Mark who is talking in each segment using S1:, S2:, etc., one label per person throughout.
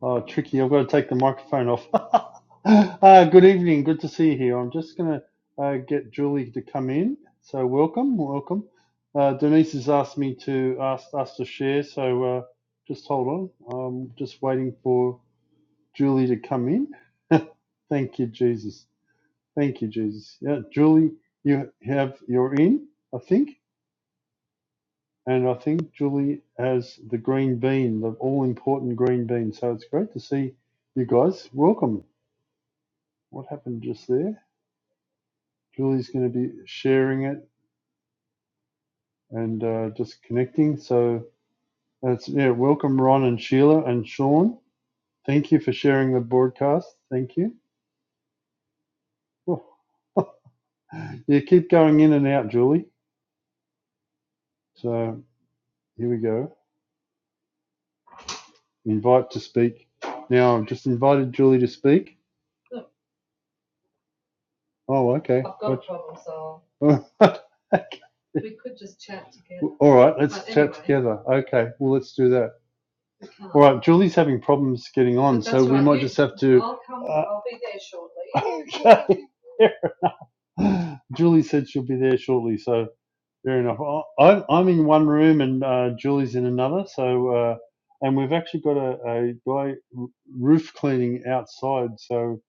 S1: Oh, tricky. I've got to take the microphone off. uh, good evening. Good to see you here. I'm just going to uh, get Julie to come in. So, welcome. Welcome. Uh, Denise has asked me to ask us to share. So, uh, just hold on. I'm just waiting for Julie to come in. Thank you, Jesus. Thank you, Jesus. Yeah, Julie, you have you're in, I think, and I think Julie has the green bean, the all important green bean. So it's great to see you guys. Welcome. What happened just there? Julie's going to be sharing it and uh, just connecting. So that's yeah. Welcome, Ron and Sheila and Sean. Thank you for sharing the broadcast. Thank you. Oh, yeah, keep going in and out, Julie. So here we go. Invite to speak. Now I've just invited Julie to speak. Oh, okay. I've got a problem. So okay. we could just chat together. All right, let's but chat anyway. together. Okay, well, let's do that. All right, Julie's having problems getting on, so we might just have to. Uh, shortly. okay. Julie said she'll be there shortly, so fair enough. I- I'm in one room and uh, Julie's in another, so uh, and we've actually got a, a guy roof cleaning outside, so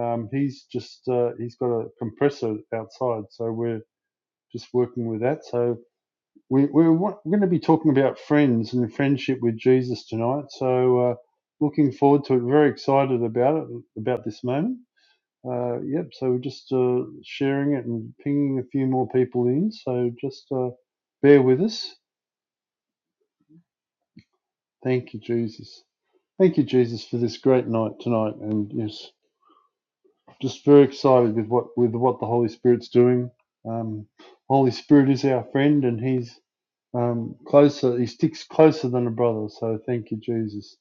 S1: um, he's just uh, he's got a compressor outside, so we're just working with that. So we, we're, we're going to be talking about friends and friendship with Jesus tonight. So, uh, looking forward to it. Very excited about it, about this moment. Uh, yep. So, we're just uh, sharing it and pinging a few more people in. So, just uh, bear with us. Thank you, Jesus. Thank you, Jesus, for this great night tonight. And yes, just very excited with what with what the Holy Spirit's doing. Um, Holy Spirit is our friend, and He's um, closer. He sticks closer than a brother. So thank you, Jesus.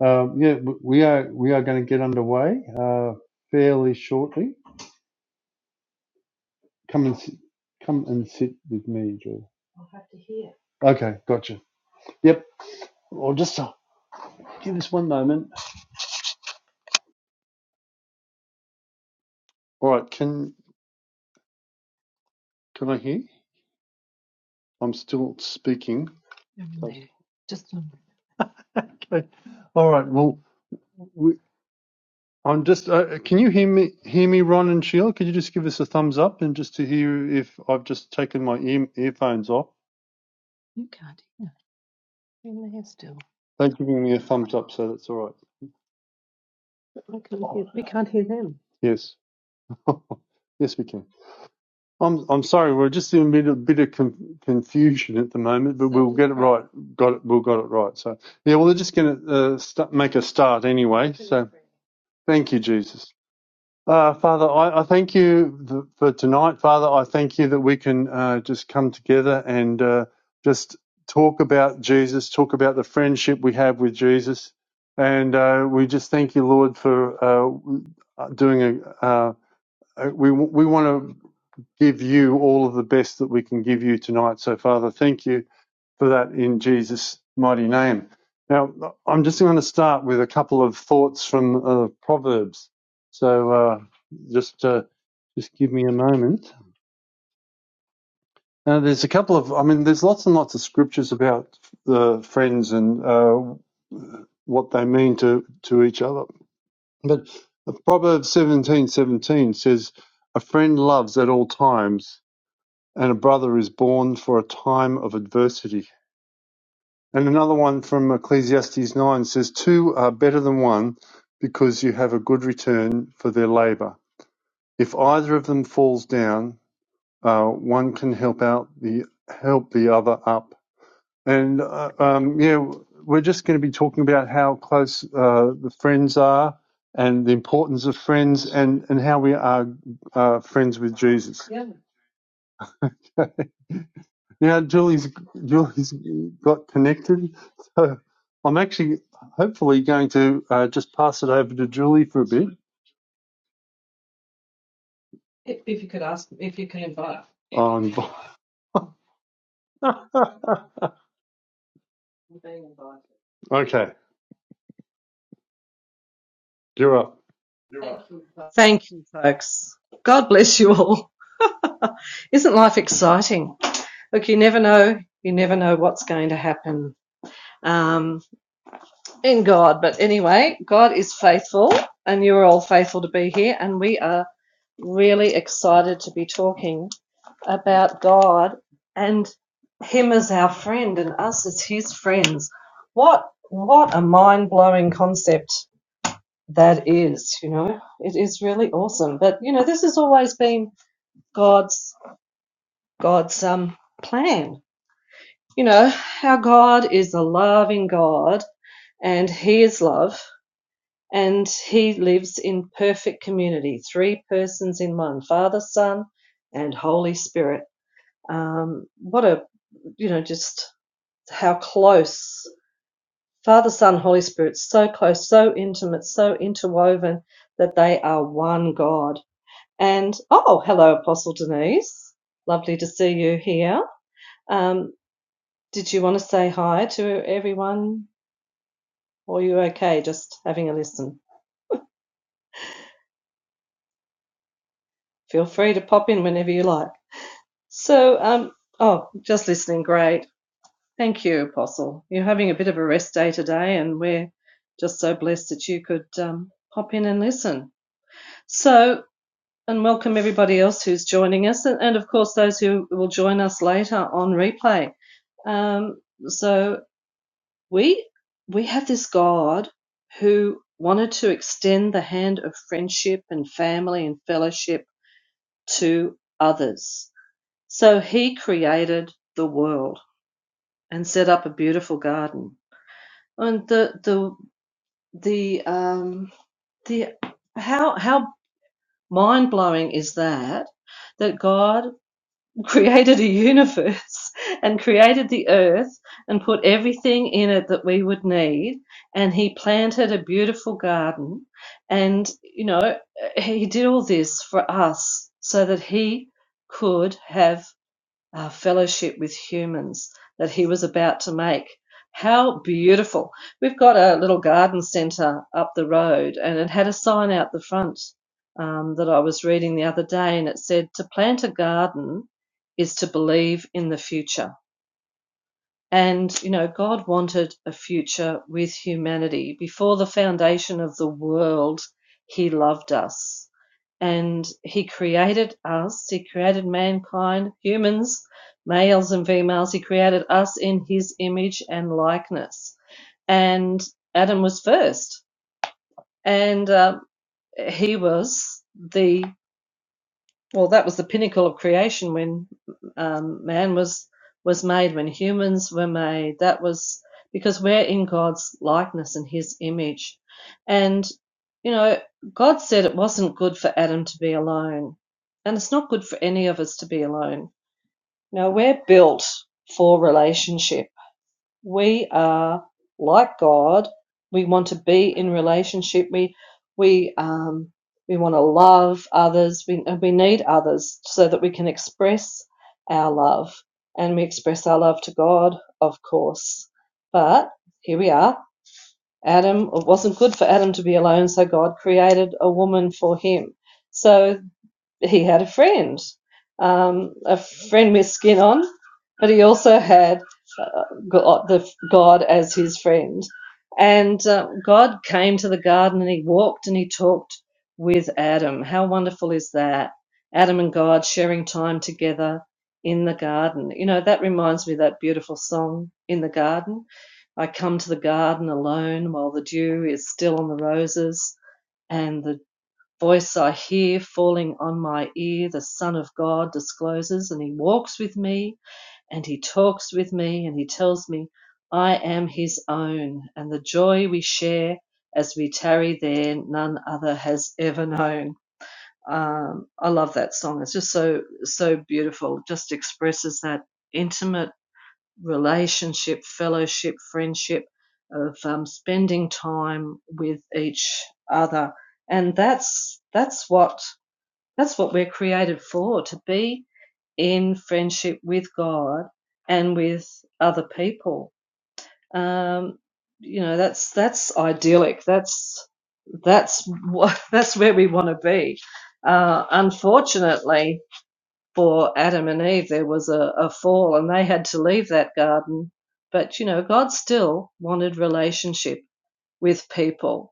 S1: Um, yeah, w- we are we are going to get underway uh, fairly shortly. Come and sit, come and sit with me, Joe. Okay, gotcha. Yep. I'll just uh, give us one moment. All right. Can can I hear? I'm still speaking. So- Okay. All right. Well, we, I'm just. Uh, can you hear me? Hear me, Ron and Sheila? Could you just give us a thumbs up and just to hear if I've just taken my ear, earphones off? They're giving me a thumbs up, so that's all right. Yes. yes, we can. I'm I'm sorry, we're just in a bit, a bit of con- confusion at the moment, but we'll get it right. Got it. We'll got it right. So yeah, well, they're just going to uh, st- make a start anyway. So thank you, Jesus. Uh, Father, I, I thank you th- for tonight. Father, I thank you that we can uh, just come together and uh, just talk about Jesus, talk about the friendship we have with Jesus, and uh, we just thank you, Lord, for uh, doing a. Uh, we we want to give you all of the best that we can give you tonight. So, Father, thank you for that in Jesus' mighty name. Now, I'm just going to start with a couple of thoughts from uh, Proverbs. So, uh, just uh, just give me a moment. Now, there's a couple of, I mean, there's lots and lots of scriptures about the friends and uh, what they mean to to each other. But Proverbs 17:17 says, "A friend loves at all times." and a brother is born for a time of adversity. And another one from Ecclesiastes 9 says, Two are better than one because you have a good return for their labor. If either of them falls down, uh, one can help out the help the other up. And uh, um, yeah, we're just going to be talking about how close uh, the friends are and the importance of friends and, and how we are uh, friends with Jesus. Yeah. Now Julie's Julie's got connected, so I'm actually hopefully going to uh, just pass it over to Julie for a bit. On okay, you're up.
S2: You're right. Thank you, folks. God bless you all. Isn't life exciting? Look, you never know. You never know what's going to happen um, in God. But anyway, God is faithful, and you are all faithful to be here. And we are really excited to be talking about God and Him as our friend and us as His friends. What what a mind blowing concept! that is you know it is really awesome but you know this has always been god's god's um plan you know our god is a loving god and he is love and he lives in perfect community three persons in one father son and holy spirit um what a you know just how close father son holy spirit so close so intimate so interwoven that they are one god And oh, hello, Apostle Denise. Lovely to see you here. Um, did you want to say hi to everyone? Or are you okay just having a listen? Feel free to pop in whenever you like. So, um, oh, just listening, great. Thank you, Apostle. You're having a bit of a rest day today, and we're just so blessed that you could um, pop in and listen. So, and welcome everybody else who's joining us, and, and of course, those who will join us later on replay. Um, so we we have this God who wanted to extend the hand of friendship and family and fellowship to others. So he created the world and set up a beautiful garden. And the the the um the how how mind blowing is that that God created a universe and created the earth and put everything in it that we would need. And he planted a beautiful garden. And, you know, he did all this for us so that he could have uh, fellowship with humans that he was about to make. How beautiful. We've got a little garden centre up the road, and it had a sign out the front um, that I was reading the other day, and it said, To plant a garden is to believe in the future. And, you know, God wanted a future with humanity. Before the foundation of the world, He loved us. And He created us, He created mankind, humans, males and females. He created us in His image and likeness. And Adam was first. And uh, he was the well, that was the pinnacle of creation when um, man was was made, when humans were made. That was because we're in God's likeness and His image, and you know, God said it wasn't good for Adam to be alone, and it's not good for any of us to be alone. Now we're built for relationship we are like God. We want to be in relationship. We we um, we want to love others. We and we need others so that we can express our love, and we express our love to God, of course. But here we are. Adam. It wasn't good for Adam to be alone, so God created a woman for him. So he had a friend, um, a friend with skin on, but he also had uh, God, the God as his friend. And uh, God came to the garden and he walked and he talked with Adam. How wonderful is that? Adam and God sharing time together in the garden. You know, that reminds me of that beautiful song, In the Garden. I come to the garden alone while the dew is still on the roses and the Voice I hear falling on my ear, the Son of God discloses, and he walks with me, and he talks with me, and he tells me I am his own, and the joy we share as we tarry there, none other has ever known. Um, I love that song. It's just so, so beautiful. It just expresses that intimate relationship, fellowship, friendship of um, spending time with each other. And that's, that's what that's what we're created for, to be in friendship with God and with other people. Um, you know, that's that's idyllic. That's that's that's where we want to be. Uh, unfortunately, for Adam and Eve, there was a, a fall, and they had to leave that garden. But you know, God still wanted relationship with people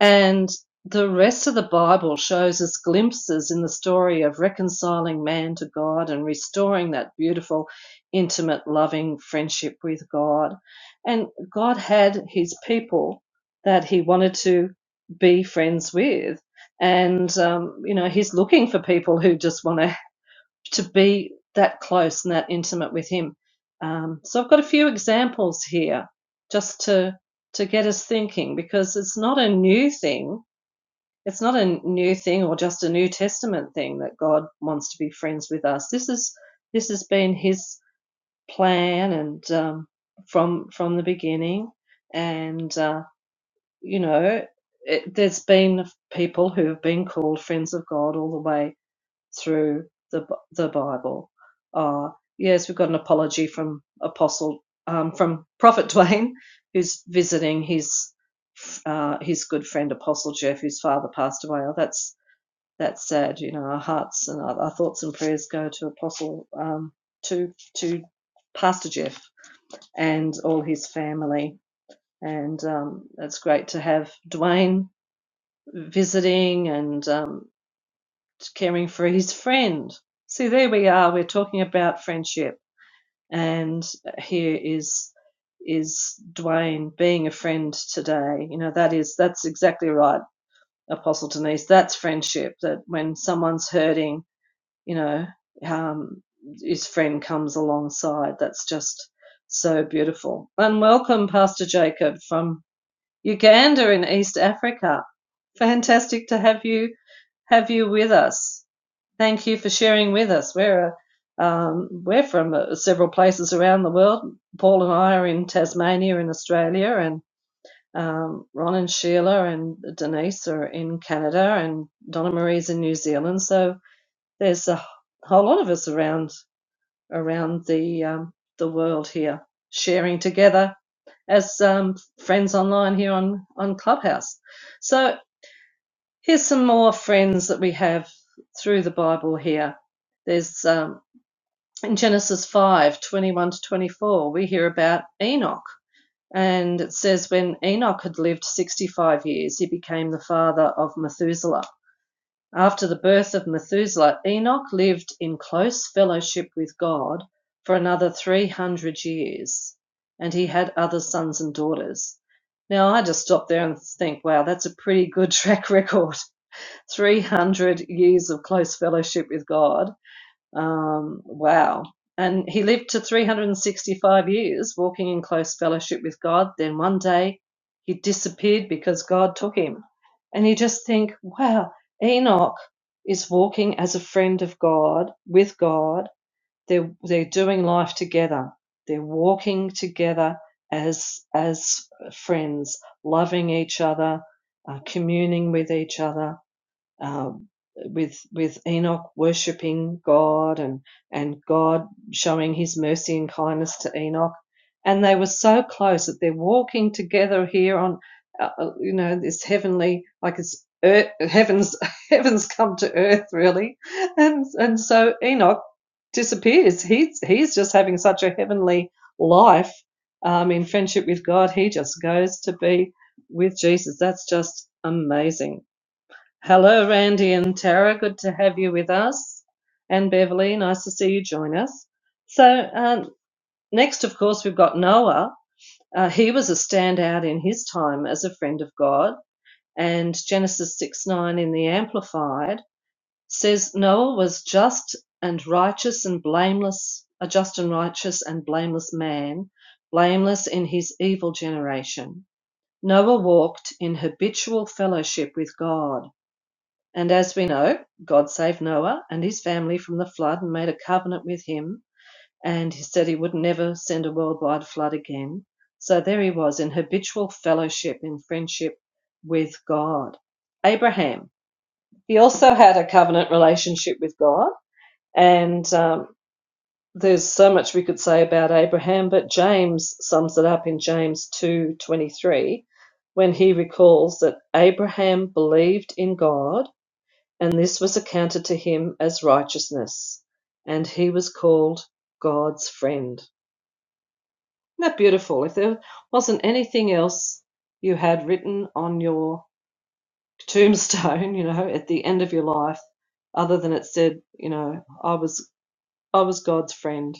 S2: and the rest of the Bible shows us glimpses in the story of reconciling man to God and restoring that beautiful, intimate, loving friendship with God. And God had his people that he wanted to be friends with. And, um, you know, he's looking for people who just want to to be that close and that intimate with Him. Um, so I've got a few examples here just to to get us thinking because it's not a new thing. It's not a new thing or just a New Testament thing that God wants to be friends with us. This is this has been His plan and um, from from the beginning, and uh, you know it, there's been people who have been called friends of God all the way through the the Bible. Uh, yes, we've got an apology from Apostle um, from Prophet Dwayne, who's visiting his uh, his good friend Apostle Jeff, whose father passed away. Oh, that's that's sad. You know, our hearts and our, our thoughts and prayers go to Apostle um, to to Pastor Jeff and all his family. And um, it's great to have Dwayne visiting and um, caring for his friend. See, there we are. We're talking about friendship, and here is is Dwayne being a friend today. You know, that is that's exactly right, Apostle Denise. That's friendship. That when someone's hurting, you know, um, his friend comes alongside. That's just so beautiful. And welcome, Pastor Jacob from Uganda in East Africa. Fantastic to have you have you with us. Thank you for sharing with us. We're uh, um, we're from uh, several places around the world. Paul and I are in Tasmania in Australia, and um, Ron and Sheila and Denise are in Canada, and Donna Marie's in New Zealand. So there's a whole lot of us around around the um, the world here, sharing together as um, friends online here on on Clubhouse. So here's some more friends that we have through the Bible here. There's um, in Genesis 5 21 to 24, we hear about Enoch. And it says, when Enoch had lived 65 years, he became the father of Methuselah. After the birth of Methuselah, Enoch lived in close fellowship with God for another 300 years, and he had other sons and daughters. Now, I just stop there and think, wow, that's a pretty good track record. 300 years of close fellowship with God um, wow. And he lived to 365 years, walking in close fellowship with God. Then one day he disappeared because God took him. And you just think, wow, Enoch is walking as a friend of God, with God. They're, they're doing life together. They're walking together as, as friends, loving each other, uh, communing with each other um, with with Enoch worshiping God and and God showing His mercy and kindness to Enoch, and they were so close that they're walking together here on, uh, uh, you know, this heavenly like it's earth, heavens heavens come to earth really, and and so Enoch disappears. He's he's just having such a heavenly life um, in friendship with God. He just goes to be with Jesus. That's just amazing. Hello, Randy and Tara. Good to have you with us. And Beverly, nice to see you join us. So, um, next, of course, we've got Noah. Uh, he was a standout in his time as a friend of God. And Genesis 6 9 in the Amplified says Noah was just and righteous and blameless, a just and righteous and blameless man, blameless in his evil generation. Noah walked in habitual fellowship with God and as we know, God saved Noah and his family from the flood and made a covenant with him. And he said he would never send a worldwide flood again. So there he was in habitual fellowship, in friendship with God. Abraham, he also had a covenant relationship with God. And um, there's so much we could say about Abraham, but James sums it up in James 2:23 when he recalls that Abraham believed in God and this was accounted to him as righteousness, and he was called God's friend. Isn't that beautiful? If there wasn't anything else you had written on your tombstone, you know, at the end of your life, other than it said, you know, I was I was God's friend,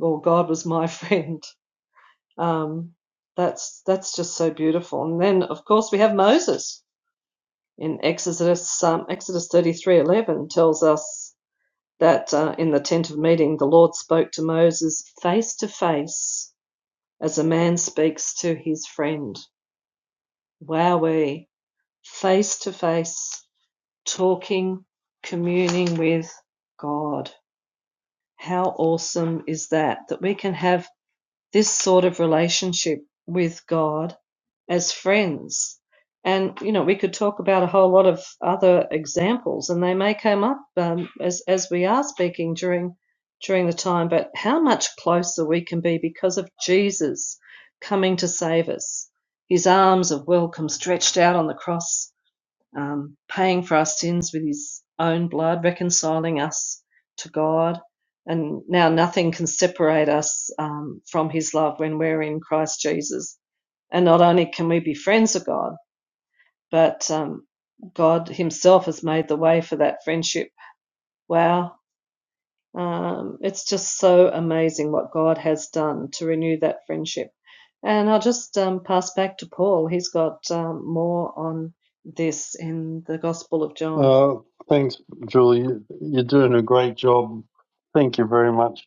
S2: or God was my friend. Um, that's that's just so beautiful. And then, of course, we have Moses in Exodus. Um, Exodus thirty three eleven tells us that uh, in the tent of meeting, the Lord spoke to Moses face to face as a man speaks to his friend. Wowee, face to face, talking, communing with God. How awesome is that? That we can have this sort of relationship with God as friends. And you know, we could talk about a whole lot of other examples, and they may come up um, as as we are speaking during during the time. But how much closer we can be because of Jesus coming to save us, His arms of welcome stretched out on the cross um, paying for our sins with his own blood, reconciling us to God. And now nothing can separate us um, from his love when we're in Christ Jesus. And not only can we be friends of God, but um, God himself has made the way for that friendship. Wow. Um, it's just so amazing what God has done to renew that friendship. And I'll just um, pass back to Paul. He's got um, more on this in the Gospel of John.
S1: Uh, thanks, Julie. You're doing a great job. Thank you very much.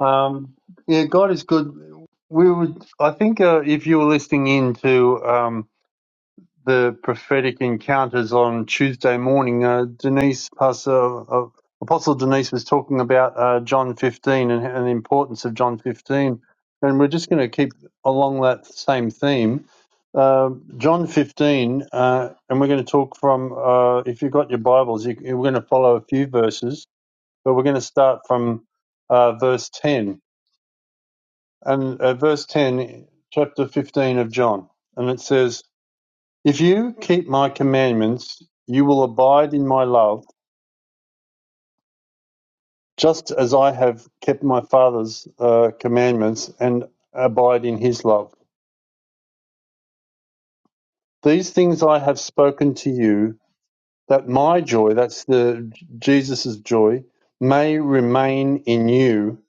S1: Um, yeah, God is good. We would, I think, uh, if you were listening in to um, the prophetic encounters on Tuesday morning, uh, Denise, Pastor, uh, Apostle Denise was talking about uh, John 15 and, and the importance of John 15. And we're just going to keep along that same theme. Uh, John 15, uh, and we're going to talk from, uh, if you've got your Bibles, you, we're going to follow a few verses, but we're going to start from uh, verse 10. And uh, verse 10, chapter 15 of John. And it says, if you keep my commandments, you will abide in my love, just as I have kept my Father's uh, commandments and abide in his love. These things I have spoken to you, that my joy, that's the Jesus's joy, may remain in you,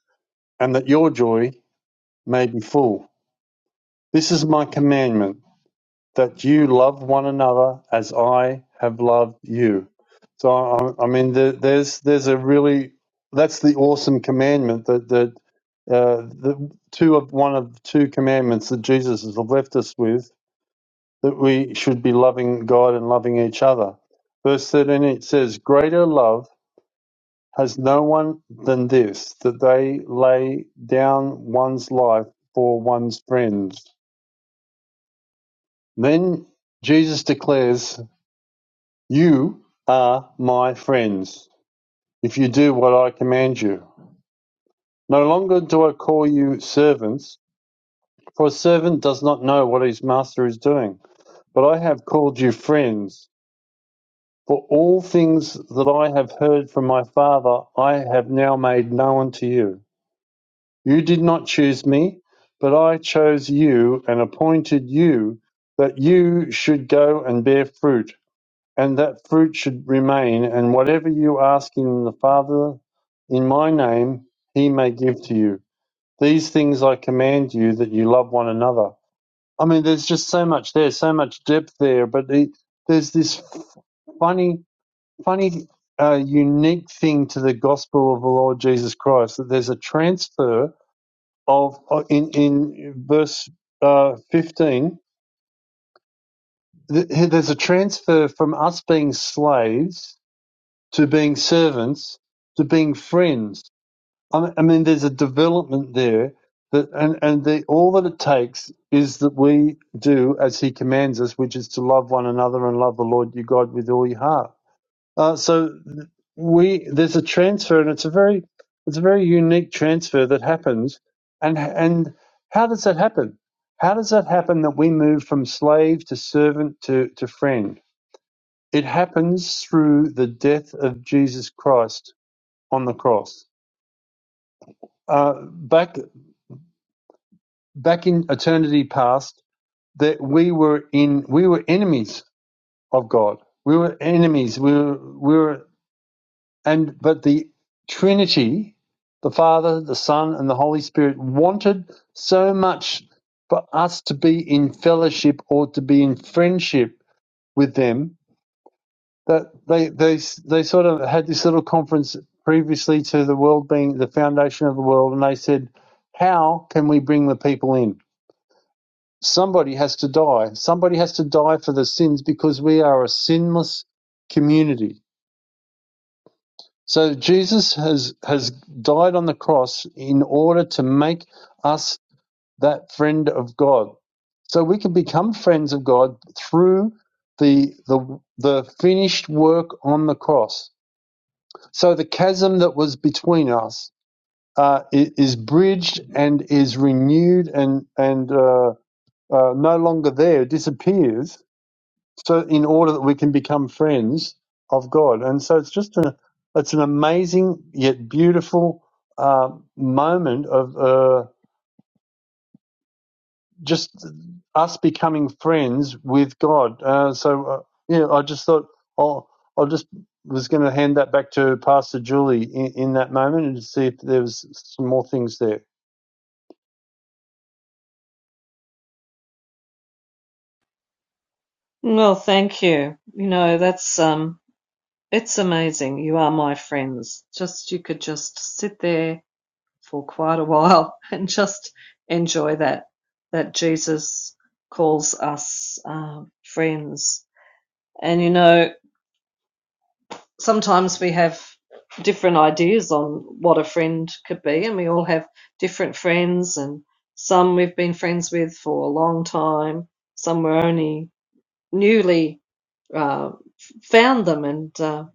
S1: and that your joy may be full. This is my commandment that you love one another as I have loved you. So I, I mean, there, there's there's a really that's the awesome commandment that that uh, the two of one of two commandments that Jesus has left us with that we should be loving God and loving each other. Verse thirteen it says, "Greater love has no one than this, that they lay down one's life for one's friends." Then Jesus declares You are my friends, if you do what I command you. No longer do I call you servants, for a servant does not know what his master is doing. But I have called you friends, for all things that I have heard from my Father I have now made known to you. You did not choose me, but I chose you and appointed you that you should go and bear fruit and that fruit should remain, and whatever you ask in the Father in my name, he may give to you. These things I command you that you love one another. I mean, there's just so much there, so much depth there, but it, there's this f- funny, funny, uh, unique thing to the gospel of the Lord Jesus Christ that there's a transfer of, uh, in, in verse uh, 15, th- there's a transfer from us being slaves to being servants to being friends. I mean, I mean there's a development there that, and and the, all that it takes is that we do as He commands us, which is to love one another and love the Lord your God with all your heart. Uh, so we there's a transfer, and it's a very it's a very unique transfer that happens. And and how does that happen? How does that happen that we move from slave to servant to, to friend? It happens through the death of Jesus Christ on the cross. Uh, back back in eternity past, that we were in we were enemies of God. We were enemies. We were we were and but the Trinity, the Father, the Son, and the Holy Spirit wanted so much for us to be in fellowship or to be in friendship with them that they they they sort of had this little conference previously to the world being the foundation of the world, and they said, "How can we bring the people in? Somebody has to die. Somebody has to die for the sins because we are a sinless community." So Jesus has has died on the cross in order to make us that friend of God. So we can become friends of God through the the the finished work on the cross So the chasm that was between us uh, is bridged and is renewed and and uh, uh, no longer there, disappears. So in order that we can become friends of God, and so it's just an it's an amazing yet beautiful uh, moment of. uh, just us becoming friends with God. Uh, so uh, yeah, I just thought I'll I will just was going to hand that back to Pastor Julie in, in that moment and see if there was some more things there.
S2: Well, thank you. You know, that's um it's amazing. You are my friends. Just you could just sit there for quite a while and just enjoy that that Jesus calls us uh, friends. And you know, sometimes we have different ideas on what a friend could be, and we all have different friends and some we've been friends with for a long time, some we're only newly uh, found them, and uh,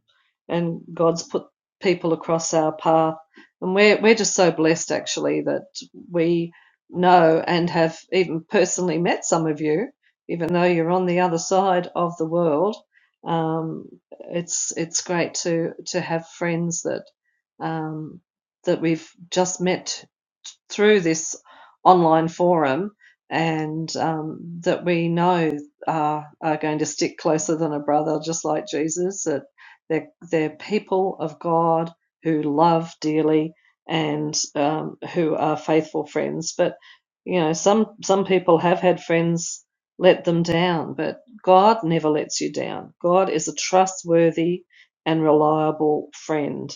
S2: and God's put people across our path, and we're we're just so blessed actually that we know and have even personally met some of you, even though you're on the other side of the world. Um, it's it's great to to have friends that um, that we've just met through this online forum and um, that we know are, are going to stick closer than a brother, just like Jesus, that they're, they're people of God who love dearly and um, who are faithful friends. But, you know, some, some people have had friends let them down, but God never lets you down. God is a trustworthy and reliable friend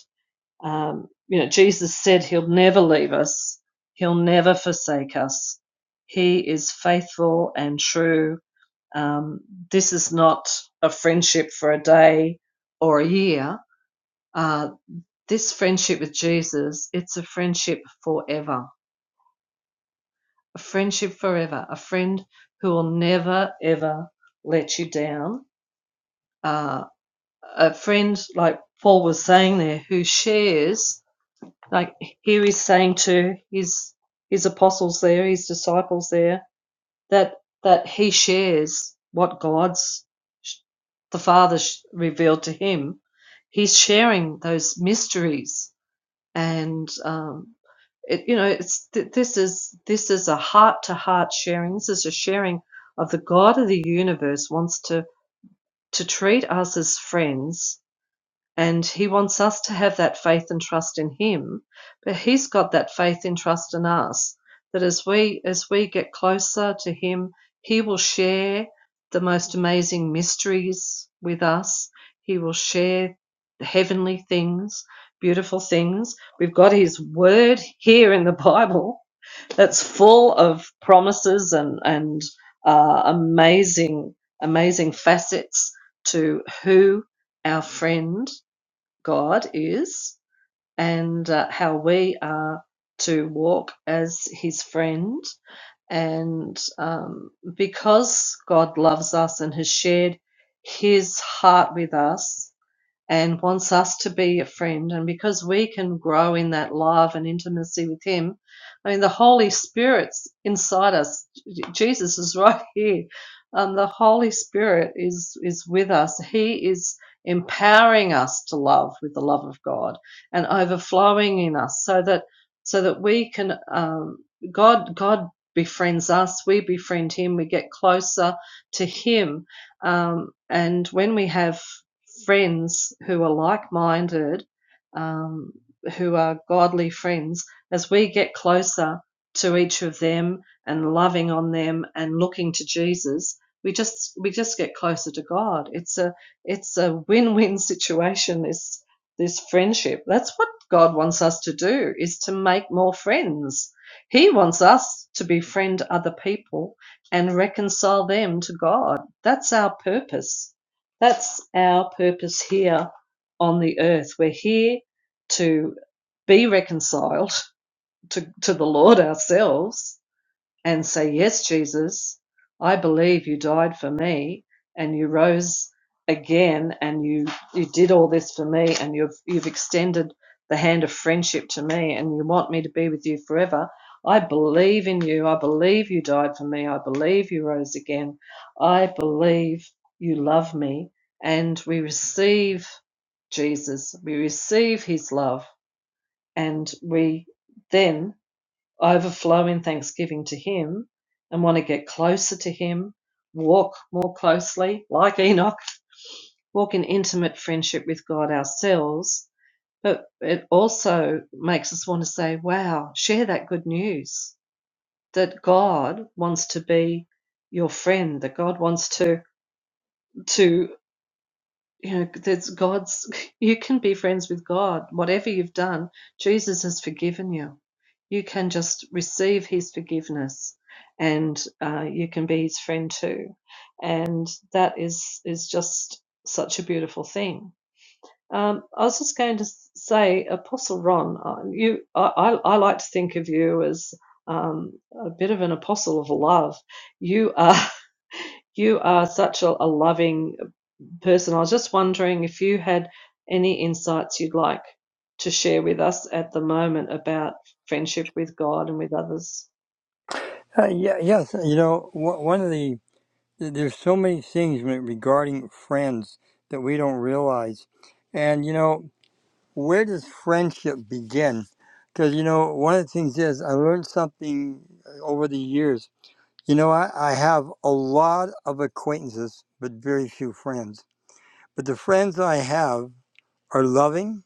S2: um, you know, Jesus said he'll never leave us, he'll never forsake us. He is faithful and true. Um, this is not a friendship for a day or a year. Uh, this friendship with Jesus, it's a friendship forever, a friendship forever, a friend who will never, ever let you down. Uh, a friend, like Paul was saying there, who shares like here he's saying to his his apostles there his disciples there that that he shares what god's the father revealed to him he's sharing those mysteries and um it, you know it's th- this is this is a heart to heart sharing this is a sharing of the god of the universe wants to to treat us as friends and he wants us to have that faith and trust in him but he's got that faith and trust in us that as we as we get closer to him he will share the most amazing mysteries with us he will share heavenly things beautiful things we've got his word here in the bible that's full of promises and and uh, amazing amazing facets to who our friend God is and uh, how we are to walk as his friend. And um, because God loves us and has shared his heart with us, and wants us to be a friend. And because we can grow in that love and intimacy with Him, I mean, the Holy Spirit's inside us. Jesus is right here. Um, the Holy Spirit is is with us. He is empowering us to love with the love of God and overflowing in us, so that so that we can um, God God befriends us. We befriend Him. We get closer to Him. Um, and when we have friends who are like minded, um, who are godly friends, as we get closer to each of them and loving on them and looking to Jesus, we just we just get closer to God. It's a it's a win win situation. This this friendship. That's what God wants us to do is to make more friends. He wants us to befriend other people and reconcile them to God. That's our purpose that's our purpose here on the earth. We're here to be reconciled to, to the Lord ourselves and say, Yes, Jesus, I believe you died for me and you rose again and you, you did all this for me and you've, you've extended the hand of friendship to me and you want me to be with you forever. I believe in you. I believe you died for me. I believe you rose again. I believe you love me. And we receive Jesus, we receive his love, and we then overflow in thanksgiving to Him and want to get closer to Him, walk more closely, like Enoch, walk in intimate friendship with God ourselves. But it also makes us want to say, wow, share that good news that God wants to be your friend, that God wants to, to you know, there's God's, you can be friends with God. Whatever you've done, Jesus has forgiven you. You can just receive his forgiveness and uh, you can be his friend too. And that is, is just such a beautiful thing. Um, I was just going to say, Apostle Ron, uh, you, I, I I like to think of you as um, a bit of an apostle of love. You are you are such a, a loving person. I was just wondering if you had any insights you'd like to share with us at the moment about friendship with God and with others.
S3: Uh, yeah, yes. You know, wh- one of the there's so many things re- regarding friends that we don't realize, and you know, where does friendship begin? Because you know, one of the things is I learned something uh, over the years. You know, I, I have a lot of acquaintances, but very few friends. But the friends I have are loving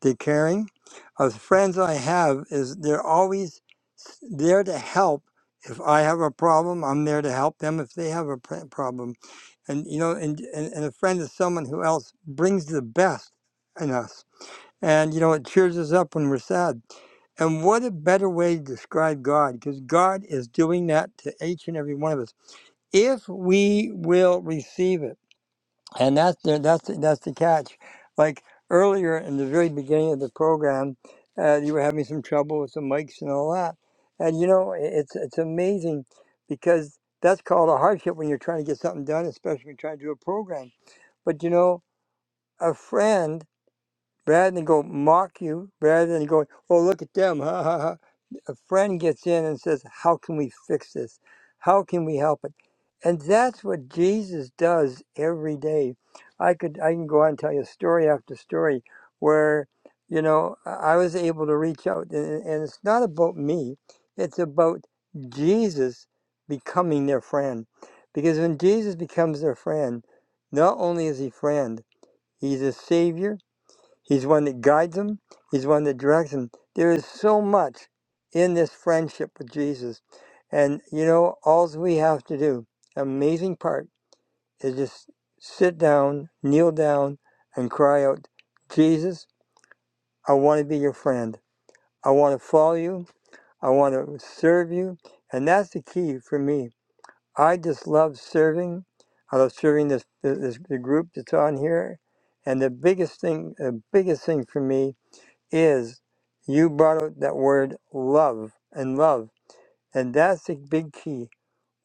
S3: the caring of the friends I have is they're always there to help. If I have a problem, I'm there to help them if they have a pr- problem. And you know, and, and, and a friend is someone who else brings the best in us. And you know, it cheers us up when we're sad. And what a better way to describe God, because God is doing that to each and every one of us. If we will receive it. And that's the, that's the, that's the catch. Like earlier in the very beginning of the program, uh, you were having some trouble with the mics and all that. And you know, i- it's it's amazing because that's called a hardship when you're trying to get something done, especially when you're trying to do a program. But you know, a friend rather than go mock you, rather than go, oh, look at them, ha ha ha. A friend gets in and says, how can we fix this? How can we help it? And that's what Jesus does every day. I could I can go on and tell you story after story where, you know, I I was able to reach out, and, and it's not about me; it's about Jesus becoming their friend. Because when Jesus becomes their friend, not only is he friend, he's a savior, He's one that guides them. He's one that directs them. There is so much in this friendship with Jesus. And, you know, all we have to do, amazing part, is just sit down, kneel down, and cry out, Jesus, I want to be your friend. I want to follow you. I want to serve you. And that's the key for me. I just love serving. I love serving this, this, this group that's on here. And the biggest thing, the biggest thing for me is you brought out that word love and love. And that's the big key.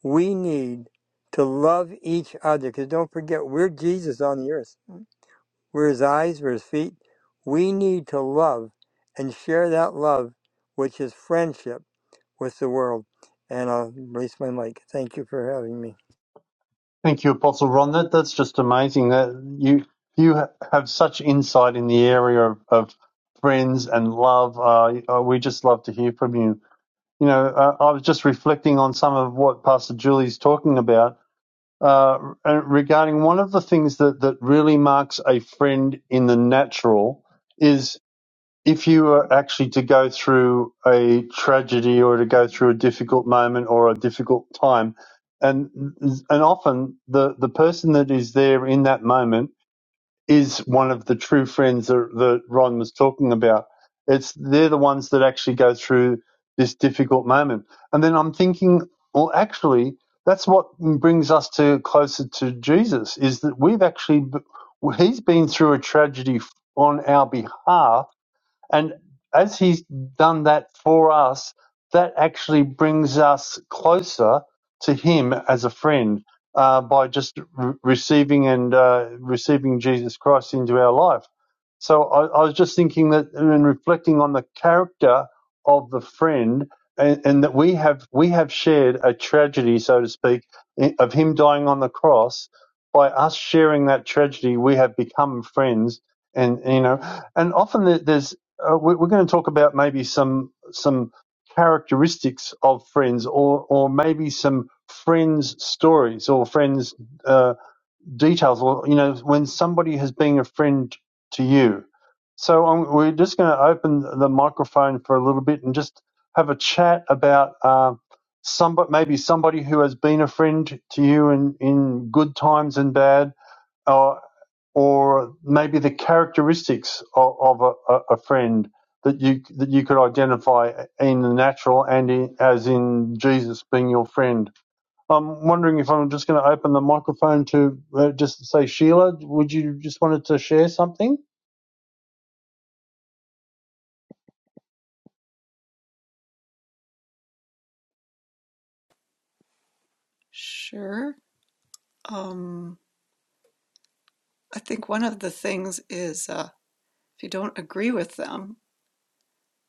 S3: We need to love each other because don't forget, we're Jesus on the earth. We're his eyes, we're his feet. We need to love and share that love, which is friendship with the world. And I'll release my mic. Thank you for having me.
S1: Thank you, Apostle Ron. That that's just amazing. That you you have such insight in the area of, of friends and love. Uh, uh, we just love to hear from you. You know, uh, I was just reflecting on some of what Pastor Julie's talking about, uh, uh, regarding one of the things that, that really marks a friend in the natural is if you are actually to go through a tragedy or to go through a difficult moment or a difficult time, and and often the, the person that is there in that moment is one of the true friends that, that Ron was talking about. It's they're the ones that actually go through this difficult moment. And then I'm thinking, well, actually, that's what brings us to closer to Jesus is that we've actually he's been through a tragedy on our behalf and as he's done that for us, that actually brings us closer to him as a friend uh, by just re- receiving and uh, receiving Jesus Christ into our life. So I, I was just thinking that and reflecting on the character of the friend, and, and that we have we have shared a tragedy, so to speak, i- of him dying on the cross. By us sharing that tragedy, we have become friends, and you know, and often there- there's uh, we- we're going to talk about maybe some some characteristics of friends, or or maybe some friends' stories or friends' uh, details, or you know when somebody has been a friend to you. So um, we're just going to open the microphone for a little bit and just have a chat about uh, somebody, maybe somebody who has been a friend to you in in good times and bad or maybe the characteristics of, of a, a friend that you that you could identify in the natural and in, as in Jesus being your friend. I'm wondering if I'm just going to open the microphone to uh, just say, Sheila, would you just wanted to share something?
S4: Sure. Um, I think one of the things is uh, if you don't agree with them,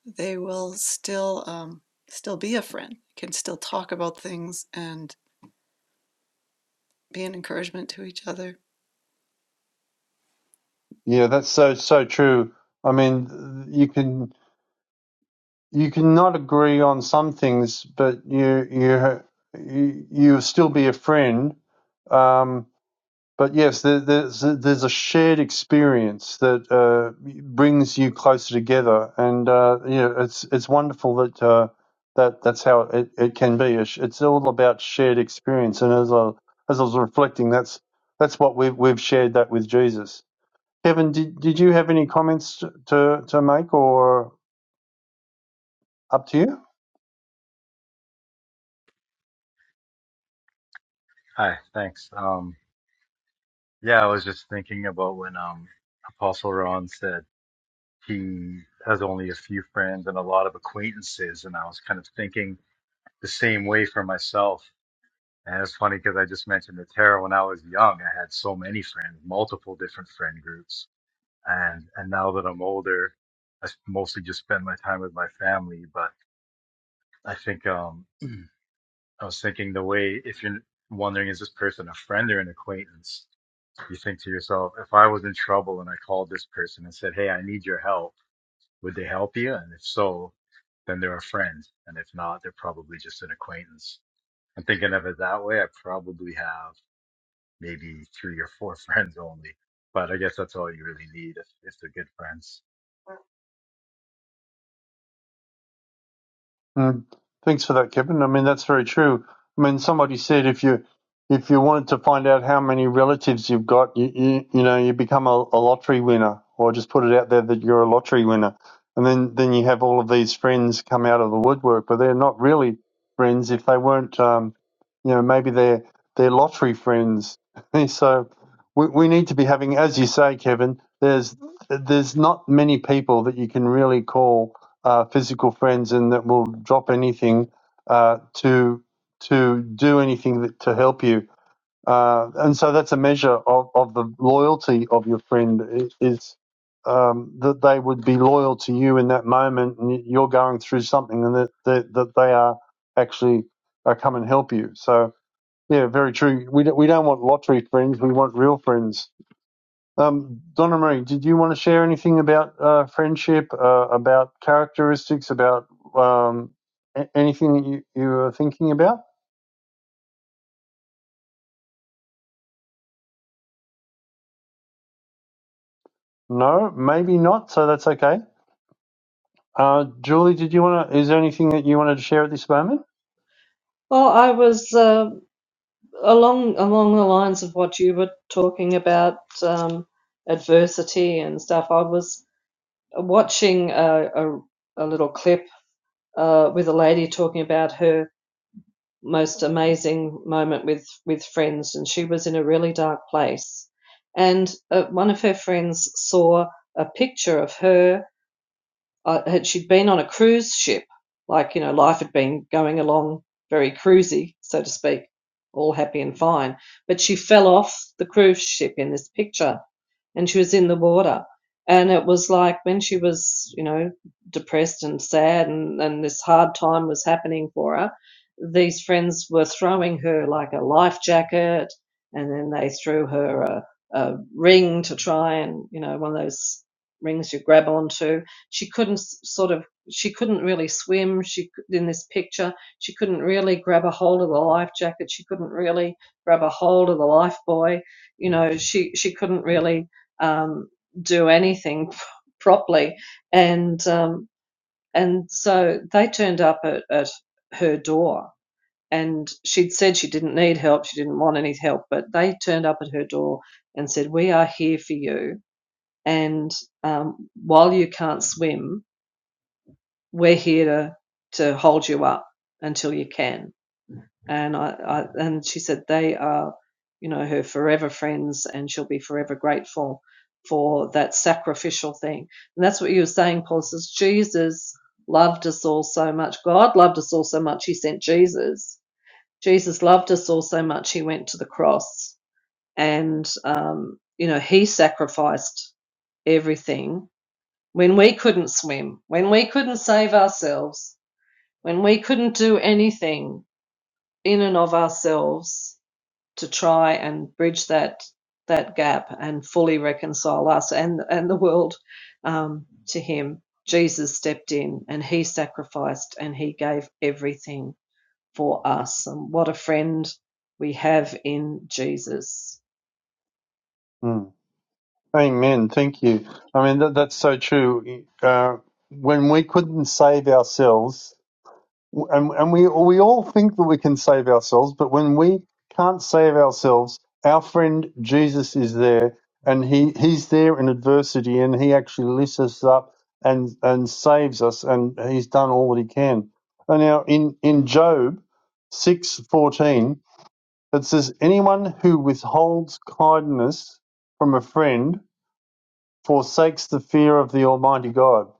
S4: they will still um, still be a friend, can still talk about things and be an encouragement to each other.
S1: Yeah, that's so so true. I mean, you can. you can not agree on some things, but you you you you'll still be a friend. Um, but yes, there, there's a- there's a shared experience that uh, brings you closer together, and uh, you know it's it's wonderful that uh, that that's how it, it can be. It's it's all about shared experience, and as I as I was reflecting, that's that's what we've we've shared that with Jesus. Kevin, did did you have any comments to to, to make, or up to you?
S5: Hi, thanks. Um, yeah, I was just thinking about when um, Apostle Ron said he has only a few friends and a lot of acquaintances, and I was kind of thinking the same way for myself. And it's funny because I just mentioned the tarot. When I was young, I had so many friends, multiple different friend groups, and and now that I'm older, I s- mostly just spend my time with my family. But I think um, I was thinking the way if you're wondering is this person a friend or an acquaintance, You think to yourself, if I was in trouble and I called this person and said, Hey, I need your help, would they help you? And if so, then they're a friend. And if not, they're probably just an acquaintance. And thinking of it that way, I probably have maybe three or four friends only. But I guess that's all you really need if, if they're good friends.
S1: Mm. Thanks for that, Kevin. I mean, that's very true. I mean, somebody said if you if you wanted to find out how many relatives you've got, you you, you know, you become a, a lottery winner, or just put it out there that you're a lottery winner, and then then you have all of these friends come out of the woodwork, but they're not really friends if they weren't, um, you know, maybe they're they're lottery friends. so we we need to be having, as you say, Kevin. There's there's not many people that you can really call uh, physical friends and that will drop anything uh, to to do anything that, to help you. Uh, and so that's a measure of, of the loyalty of your friend is um, that they would be loyal to you in that moment, and you're going through something, and that that, that they are actually uh, come and help you. So yeah, very true. We don't, we don't want lottery friends. We want real friends um, Donna Marie, did you want to share anything about uh, friendship, uh, about characteristics, about um, a- anything that you, you were thinking about? No, maybe not. So that's okay. Uh, Julie, did you want to? Is there anything that you wanted to share at this moment?
S2: Well, I was uh, along along the lines of what you were talking about um, adversity and stuff. I was watching a, a, a little clip uh, with a lady talking about her. most amazing moment with with friends and she was in a really dark place and uh, one of her friends saw a picture of her uh, had she'd been on a cruise ship like you know life had been going along very cruisy so to speak all happy and fine but she fell off the cruise ship in this picture and she was in the water. And it was like when she was, you know, depressed and sad and, and this hard time was happening for her, these friends were throwing her like a life jacket and then they threw her a, a ring to try and, you know, one of those rings you grab onto. She couldn't s- sort of, she couldn't really swim. She, c- in this picture, she couldn't really grab a hold of the life jacket. She couldn't really grab a hold of the life boy. You know, she, she couldn't really um, do anything properly. And um, and so they turned up at, at her door, and she'd said she didn't need help, she didn't want any help, but they turned up at her door and said, "We are here for you, and um, while you can't swim, we're here to to hold you up until you can." and I, I and she said they are you know her forever friends and she'll be forever grateful for that sacrificial thing and that's what you were saying paul says jesus loved us all so much god loved us all so much he sent jesus jesus loved us all so much he went to the cross and um, you know he sacrificed everything when we couldn't swim when we couldn't save ourselves when we couldn't do anything in and of ourselves to try and bridge that that gap and fully reconcile us and and the world um, to Him. Jesus stepped in and He sacrificed and He gave everything for us. And what a friend we have in Jesus.
S1: Hmm. Amen. Thank you. I mean, that, that's so true. Uh, when we couldn't save ourselves, and, and we we all think that we can save ourselves, but when we can't save ourselves, our friend Jesus is there, and he, he's there in adversity, and he actually lifts us up and and saves us, and he's done all that he can. And now in in Job six fourteen, it says, "Anyone who withholds kindness from a friend." forsakes the fear of the Almighty God.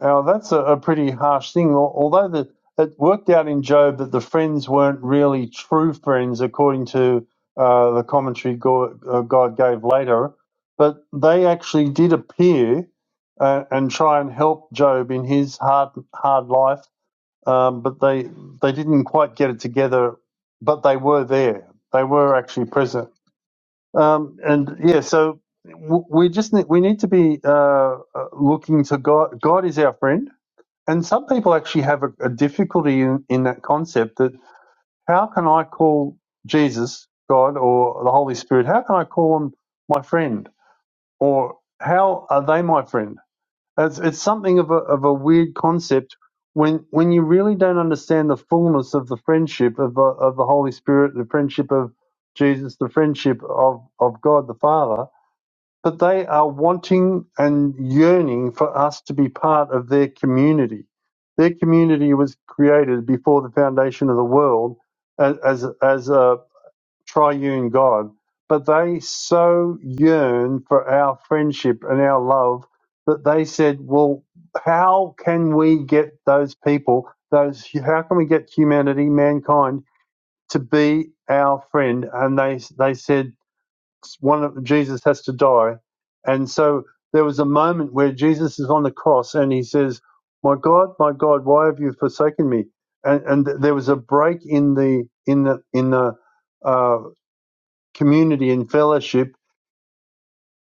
S1: Now, that's a, a pretty harsh thing. Although the, it worked out in Job that the friends weren't really true friends, according to uh, the commentary God, uh, God gave later, but they actually did appear uh, and try and help Job in his hard hard life. Um, but they they didn't quite get it together. But they were there. They were actually present um, and yeah, so w- we just need, we need to be uh, uh, looking to God. God is our friend, and some people actually have a, a difficulty in, in that concept. That how can I call Jesus God or the Holy Spirit? How can I call them my friend, or how are they my friend? It's, it's something of a of a weird concept when when you really don't understand the fullness of the friendship of the, of the Holy Spirit, the friendship of Jesus, the friendship of, of God the Father but they are wanting and yearning for us to be part of their community. Their community was created before the foundation of the world as, as, as a triune God, but they so yearn for our friendship and our love that they said, well, how can we get those people, those, how can we get humanity, mankind, to be our friend? And they, they said, one of Jesus has to die. And so there was a moment where Jesus is on the cross and he says, "My God, my God, why have you forsaken me?" And, and th- there was a break in the in the in the uh, community and fellowship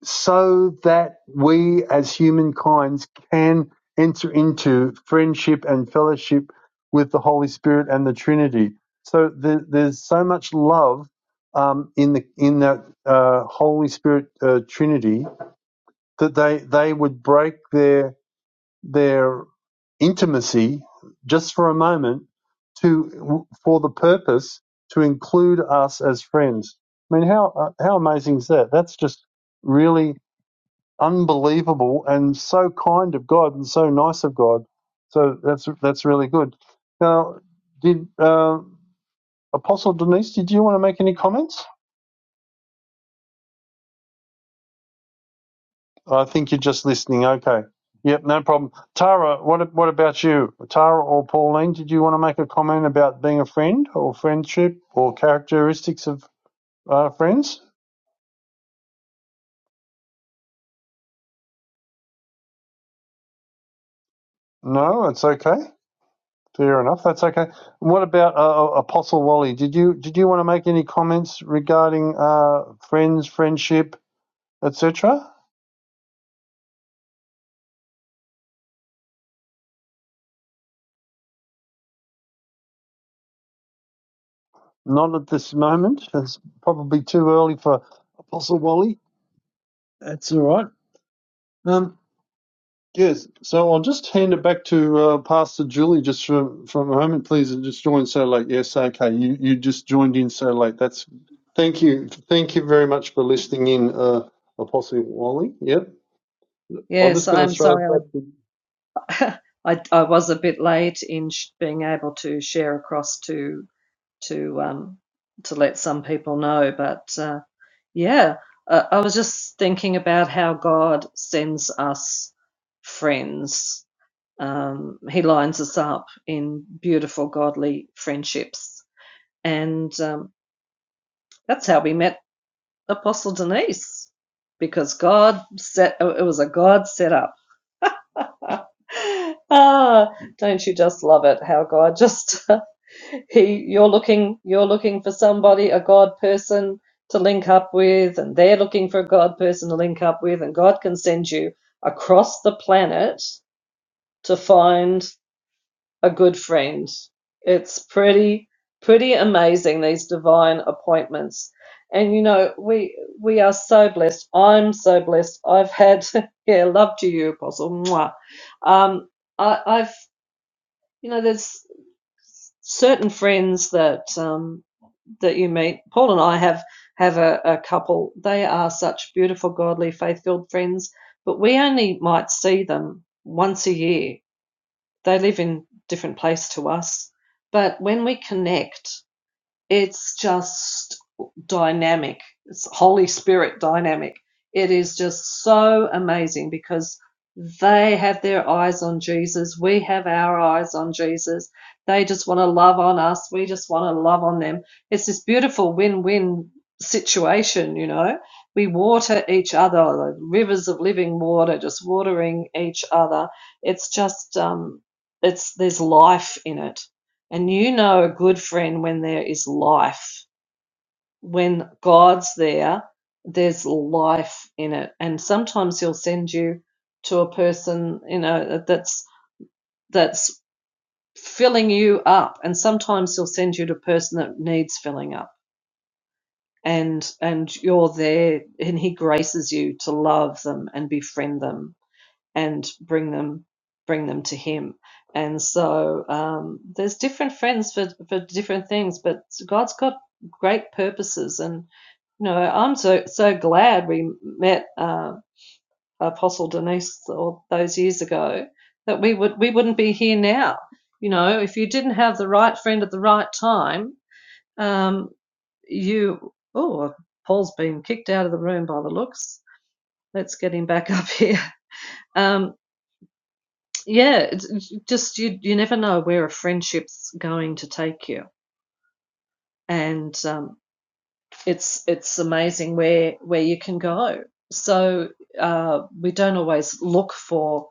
S1: so that we as humankind can enter into friendship and fellowship with the Holy Spirit and the Trinity. So the, there's so much love um, in the in that uh, Holy Spirit uh, Trinity that they they would break their their intimacy just for a moment to for the purpose to include us as friends. I mean, how uh, how amazing is that? That's just really unbelievable and so kind of God and so nice of God. So that's that's really good. Now, did uh, Apostle Denise? Did you want to make any comments? I think you're just listening. Okay. Yep, no problem. Tara, what what about you? Tara or Pauline? Did you want to make a comment about being a friend or friendship or characteristics of uh, friends? No, it's okay. Fair enough. That's okay. What about uh, uh, Apostle Wally? Did you did you want to make any comments regarding uh, friends, friendship, etc.? Not at this moment. It's probably too early for Apostle Wally. That's all right. Um, yes. So I'll just hand it back to uh, Pastor Julie just from from a moment, please. And just joined so late. Yes. Okay. You you just joined in so late. That's thank you. Thank you very much for listening in, uh, Apostle Wally. Yep. I'm
S2: Yes,
S1: just going to
S2: I'm
S1: throw it
S2: sorry.
S1: back to
S2: I, I, I was a bit late in sh- being able to share across to to um, to let some people know, but. Uh, Yeah, uh, I was just thinking about how God sends us friends. Um, he lines us up in beautiful, godly friendships. And um, that's how we met Apostle Denise, because God set, it was a God set up. ah, don't you just love it how God just he you're looking you're looking for somebody a God person to link up with and they're looking for a God person to link up with and God can send you across the planet to find a good friend. It's pretty pretty amazing these divine appointments. And you know, we we are so blessed. I'm so blessed. I've had yeah, love to you, Apostle. Mwah. Um, I, I've you know, there's certain friends that um, that you meet. Paul and I have have a, a couple. They are such beautiful, godly, faith-filled friends, but we only might see them once a year they live in different place to us, but when we connect, it's just dynamic. It's Holy Spirit dynamic. It is just so amazing because they have their eyes on Jesus. We have our eyes on Jesus. They just want to love on us. We just want to love on them. It's this beautiful win win situation, you know. We water each other, the rivers of living water, just watering each other. It's just, um, it's there's life in it and you know a good friend when there is life. When God's there, there's life in it. And sometimes he'll send you to a person, you know, that's that's filling you up. And sometimes he'll send you to a person that needs filling up. And and you're there and he graces you to love them and befriend them and bring them bring them to him and so um, there's different friends for, for different things but god's got great purposes and you know i'm so so glad we met uh, apostle denise all those years ago that we would we wouldn't be here now you know if you didn't have the right friend at the right time um, you oh paul's been kicked out of the room by the looks let's get him back up here um, Yeah, it's it's just you you never know where a friendship's going to take you. And um, it's it's amazing where where you can go. So uh, we don't always look for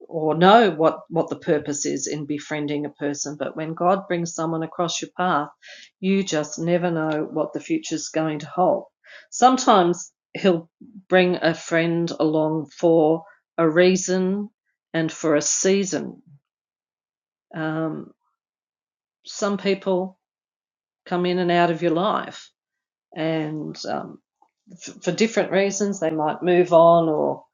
S2: or know what what the purpose is in befriending a person, but when God brings someone across your path, you just never know what the future's going to hold. Sometimes he'll bring a friend along for a reason and for a season. Um, some people come in and out of your life, and um, f- for different reasons, they might move on, or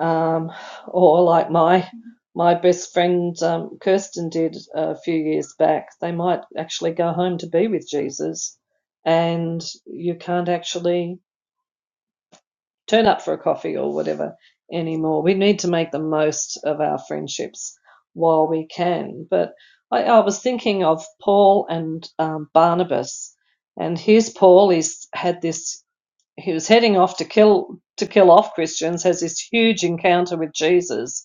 S2: um, or like my my best friend um, Kirsten did a few years back. They might actually go home to be with Jesus, and you can't actually turn up for a coffee or whatever anymore. We need to make the most of our friendships while we can. But I, I was thinking of Paul and um, Barnabas, and here's Paul. He's had this. He was heading off to kill to kill off Christians. Has this huge encounter with Jesus,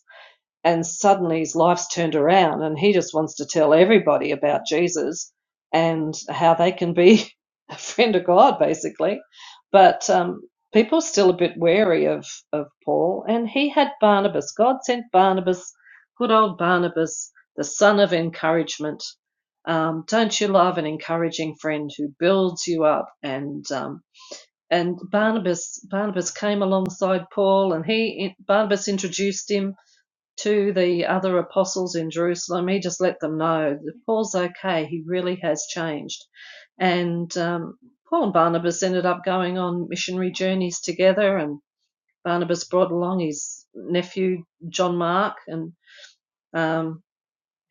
S2: and suddenly his life's turned around and he just wants to tell everybody about Jesus and how they can be a friend of God, basically. But um, people are still a bit wary of, of Paul, and he had Barnabas. God sent Barnabas, good old Barnabas, the son of encouragement. Um, don't you love an encouraging friend who builds you up? And um, and Barnabas Barnabas came alongside Paul, and he Barnabas introduced him to the other apostles in Jerusalem. He just let them know that Paul's okay. He really has changed. And um, Paul and Barnabas ended up going on missionary journeys together, and Barnabas brought along his nephew John Mark, and um,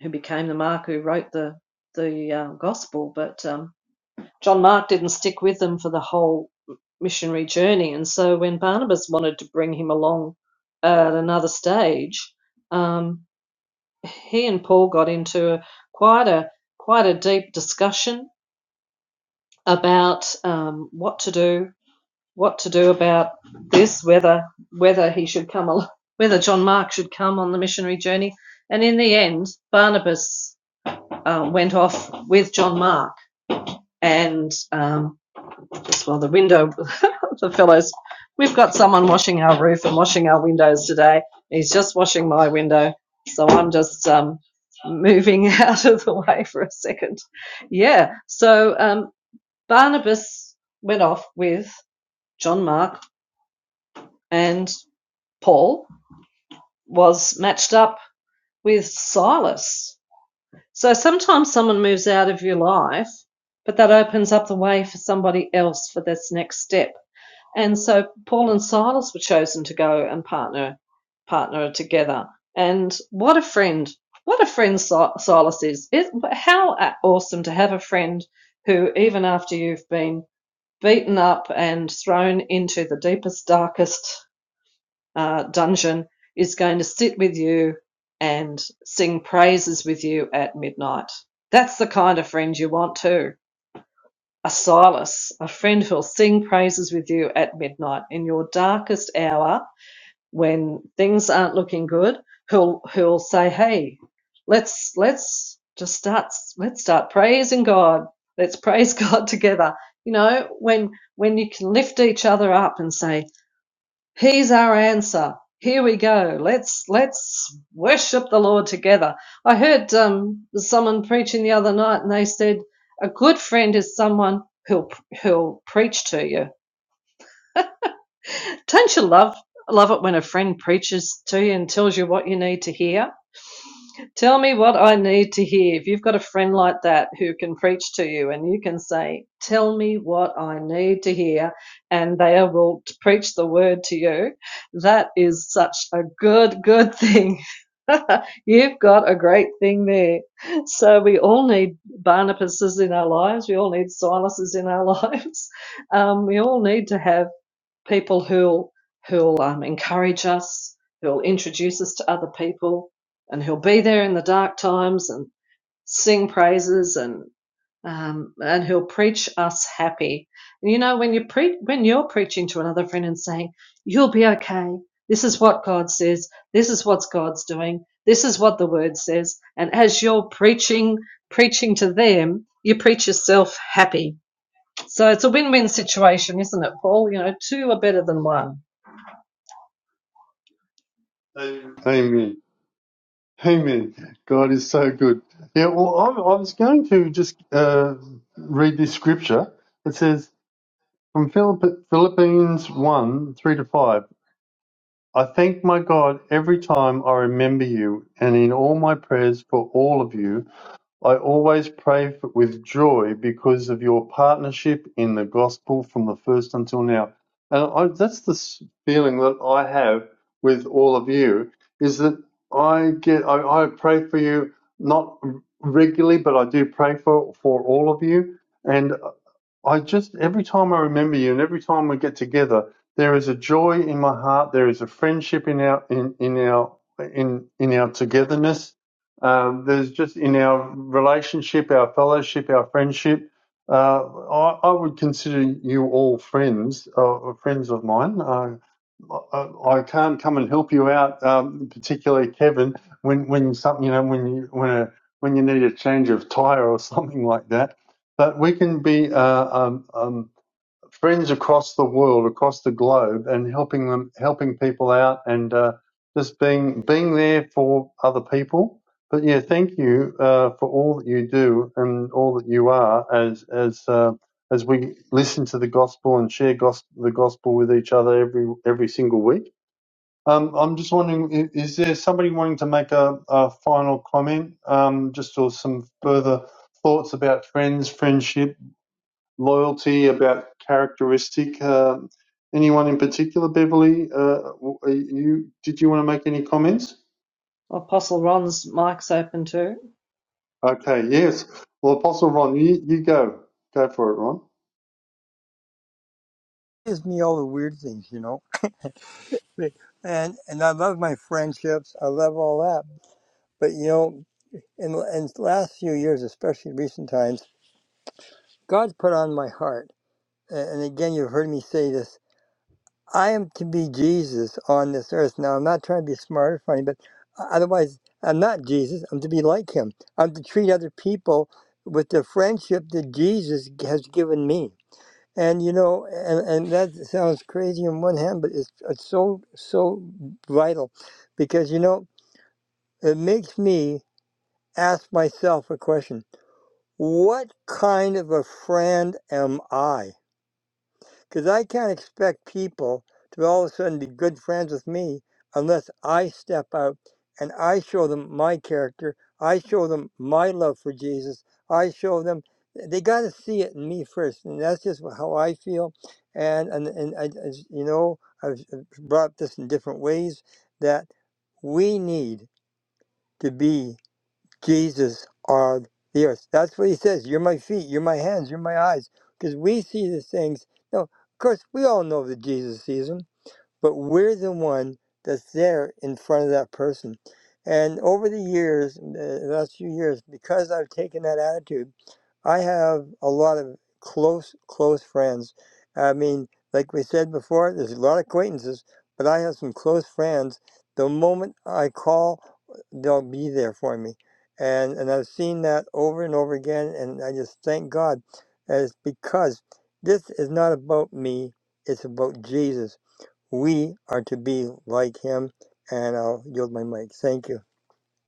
S2: who became the Mark who wrote the the uh, gospel. But um, John Mark didn't stick with them for the whole missionary journey, and so when Barnabas wanted to bring him along at another stage, um, he and Paul got into a, quite a quite a deep discussion about um, what to do, what to do about this, whether whether he should come, whether John Mark should come on the missionary journey. And in the end, Barnabas uh, went off with John Mark, and um, well, the window, the fellows, we've got someone washing our roof and washing our windows today. He's just washing my window, so I'm just um, moving out of the way for a second. Yeah, so um, Barnabas went off with John Mark, and Paul was matched up with Silas. So sometimes someone moves out of your life, but that opens up the way for somebody else for this next step. And so Paul and Silas were chosen to go and partner partner together. And what a friend! What a friend Si- Silas is! It, how awesome to have a friend who, even after you've been beaten up and thrown into the deepest, darkest uh, dungeon, is going to sit with you and sing praises with you at midnight. That's the kind of friend you want too. A Asylas, a friend who'll sing praises with you at midnight in your darkest hour when things aren't looking good, who'll who'll say, "Hey, let's let's just start let's start praising God. Let's praise God together." You know, when when you can lift each other up and say, He's our answer. Here we go. Let's let's worship the Lord together. I heard um, someone preaching the other night, and they said a good friend is someone who'll who'll preach to you. Don't you love love it when a friend preaches to you and tells you what you need to hear? Tell me what I need to hear. If you've got a friend like that who can preach to you and you can say, Tell me what I need to hear, and they will preach the word to you, that is such a good, good thing. You've got a great thing there. So, we all need Barnabases in our lives. We all need Silases in our lives. Um, we all need to have people who'll who'll um, encourage us, who'll introduce us to other people, and who'll be there in the dark times and sing praises and um, and who'll preach us happy. And you know, when you pre- when you're preaching to another friend and saying, "You'll be okay. This is what God says. This is what God's doing. This is what the Word says," and as you're preaching preaching to them, you preach yourself happy so it's a win-win situation, isn't it, Paul? You know, two are better than one.
S1: Amen. Amen. God is so good. Yeah, well, I, I was going to just uh, read this scripture. It says from Philipp- Philippines 1 3 to 5 I thank my God every time I remember you, and in all my prayers for all of you. I always pray for, with joy because of your partnership in the gospel from the first until now. And I, that's the feeling that I have with all of you is that I get, I, I pray for you not regularly, but I do pray for, for all of you. and. I just every time I remember you and every time we get together, there is a joy in my heart. There is a friendship in our in, in our in in our togetherness. Um, there's just in our relationship, our fellowship, our friendship. Uh, I, I would consider you all friends, uh, friends of mine. Uh, I can't come and help you out, um, particularly Kevin, when when something you know when you when a when you need a change of tire or something like that. But we can be uh, um, um, friends across the world, across the globe, and helping them, helping people out, and uh, just being being there for other people. But yeah, thank you uh, for all that you do and all that you are as as uh, as we listen to the gospel and share gos- the gospel with each other every every single week. Um, I'm just wondering, i- is there somebody wanting to make a, a final comment, um, just or some further thoughts about friends, friendship, loyalty, about characteristic. Um anyone in particular, Beverly? Uh, are you did you want to make any comments?
S2: Apostle Ron's mic's open too.
S1: Okay, yes. Well, Apostle Ron, you, you go go for it, Ron.
S3: It Gives me all the weird things, you know. And and I love my friendships. I love all that. But you know, in the last few years, especially in recent times, God's put on my heart, and again, you've heard me say this I am to be Jesus on this earth. Now, I'm not trying to be smart or funny, but otherwise, I'm not Jesus. I'm to be like him. I'm to treat other people with the friendship that Jesus has given me. And you know, and, and that sounds crazy on one hand, but it's, it's so, so vital because you know, it makes me ask myself a question what kind of a friend am I? Because I can't expect people to all of a sudden be good friends with me unless I step out and I show them my character. I show them my love for Jesus. I show them they got to see it in me first, and that's just how I feel. And and and I, as you know, I've brought up this in different ways that we need to be. Jesus on the earth. That's what he says. You're my feet, you're my hands, you're my eyes. Because we see these things. No, of course, we all know that Jesus sees them, but we're the one that's there in front of that person. And over the years, uh, the last few years, because I've taken that attitude, I have a lot of close, close friends. I mean, like we said before, there's a lot of acquaintances, but I have some close friends. The moment I call, they'll be there for me. And, and I've seen that over and over again, and I just thank God. And it's because this is not about me, it's about Jesus. We are to be like him, and I'll yield my mic. Thank you.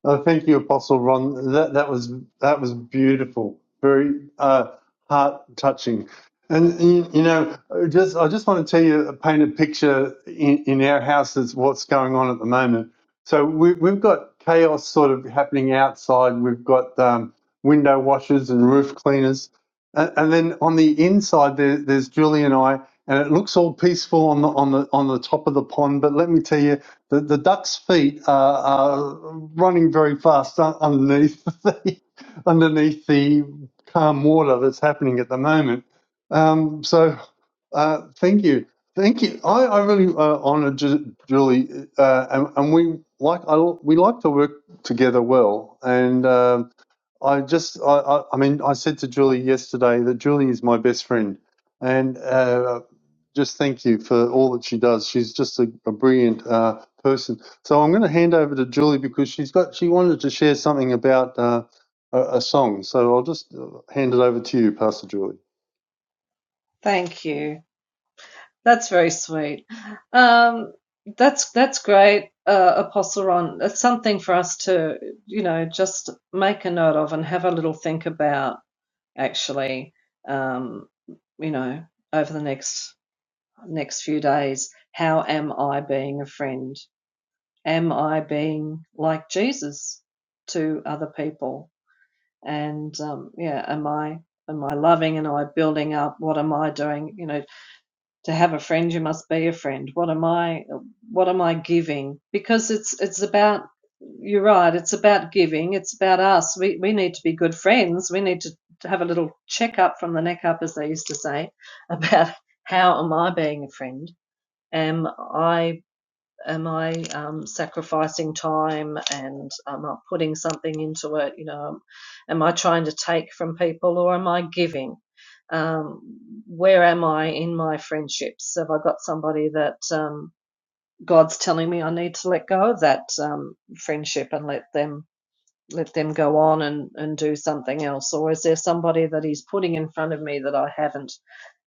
S1: Oh, thank you, Apostle Ron. That that was that was beautiful, very uh, heart touching, and you, you know, just I just want to tell you, uh, paint a picture in, in our house is what's going on at the moment. So we, we've got chaos sort of happening outside. We've got um, window washers and roof cleaners, and, and then on the inside there, there's Julie and I, and it looks all peaceful on the on the on the top of the pond. But let me tell you. The, the duck's feet are, are running very fast un- underneath the, underneath the calm water that's happening at the moment. Um, so, uh, thank you, thank you. I, I really uh, honour Ju- Julie, uh, and, and we like I, we like to work together well, and. um I just, I, I, I mean, I said to Julie yesterday that Julie is my best friend, and uh, just thank you for all that she does. She's just a, a brilliant uh, person. So I'm going to hand over to Julie because she's got, she wanted to share something about uh, a, a song. So I'll just uh, hand it over to you, Pastor Julie.
S2: Thank you. That's very sweet. Um, that's that's great, uh, Apostle Ron. It's something for us to, you know, just make a note of and have a little think about. Actually, um, you know, over the next next few days, how am I being a friend? Am I being like Jesus to other people? and um, yeah am i am i loving am i building up what am i doing you know to have a friend you must be a friend what am i what am i giving because it's it's about you're right it's about giving it's about us we we need to be good friends we need to to have a little check up from the neck up as they used to say about how am i being a friend am i am I um, sacrificing time and am I putting something into it? You know, um, am I trying to take from people or am I giving? Um, where am I in my friendships? Have I got somebody that um, God's telling me I need to let go of that um, friendship and let them? let them go on and, and do something else? Or is there somebody that he's putting in front of me that I haven't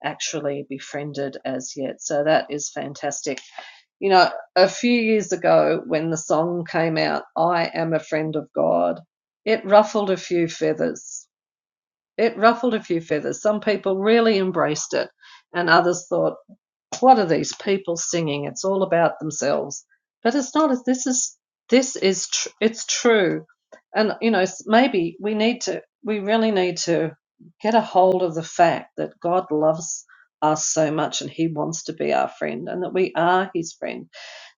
S2: actually befriended as yet? So that is fantastic. You know, a few years ago when the song came out, I Am a Friend of God, it ruffled a few feathers. It ruffled a few feathers. Some people really embraced it, and others thought, what are these people singing? It's all about themselves. But it's not. This is this is tr- it's true, and you know maybe we need to. We really need to get a hold of the fact that God loves us so much and He wants to be our friend, and that we are His friend.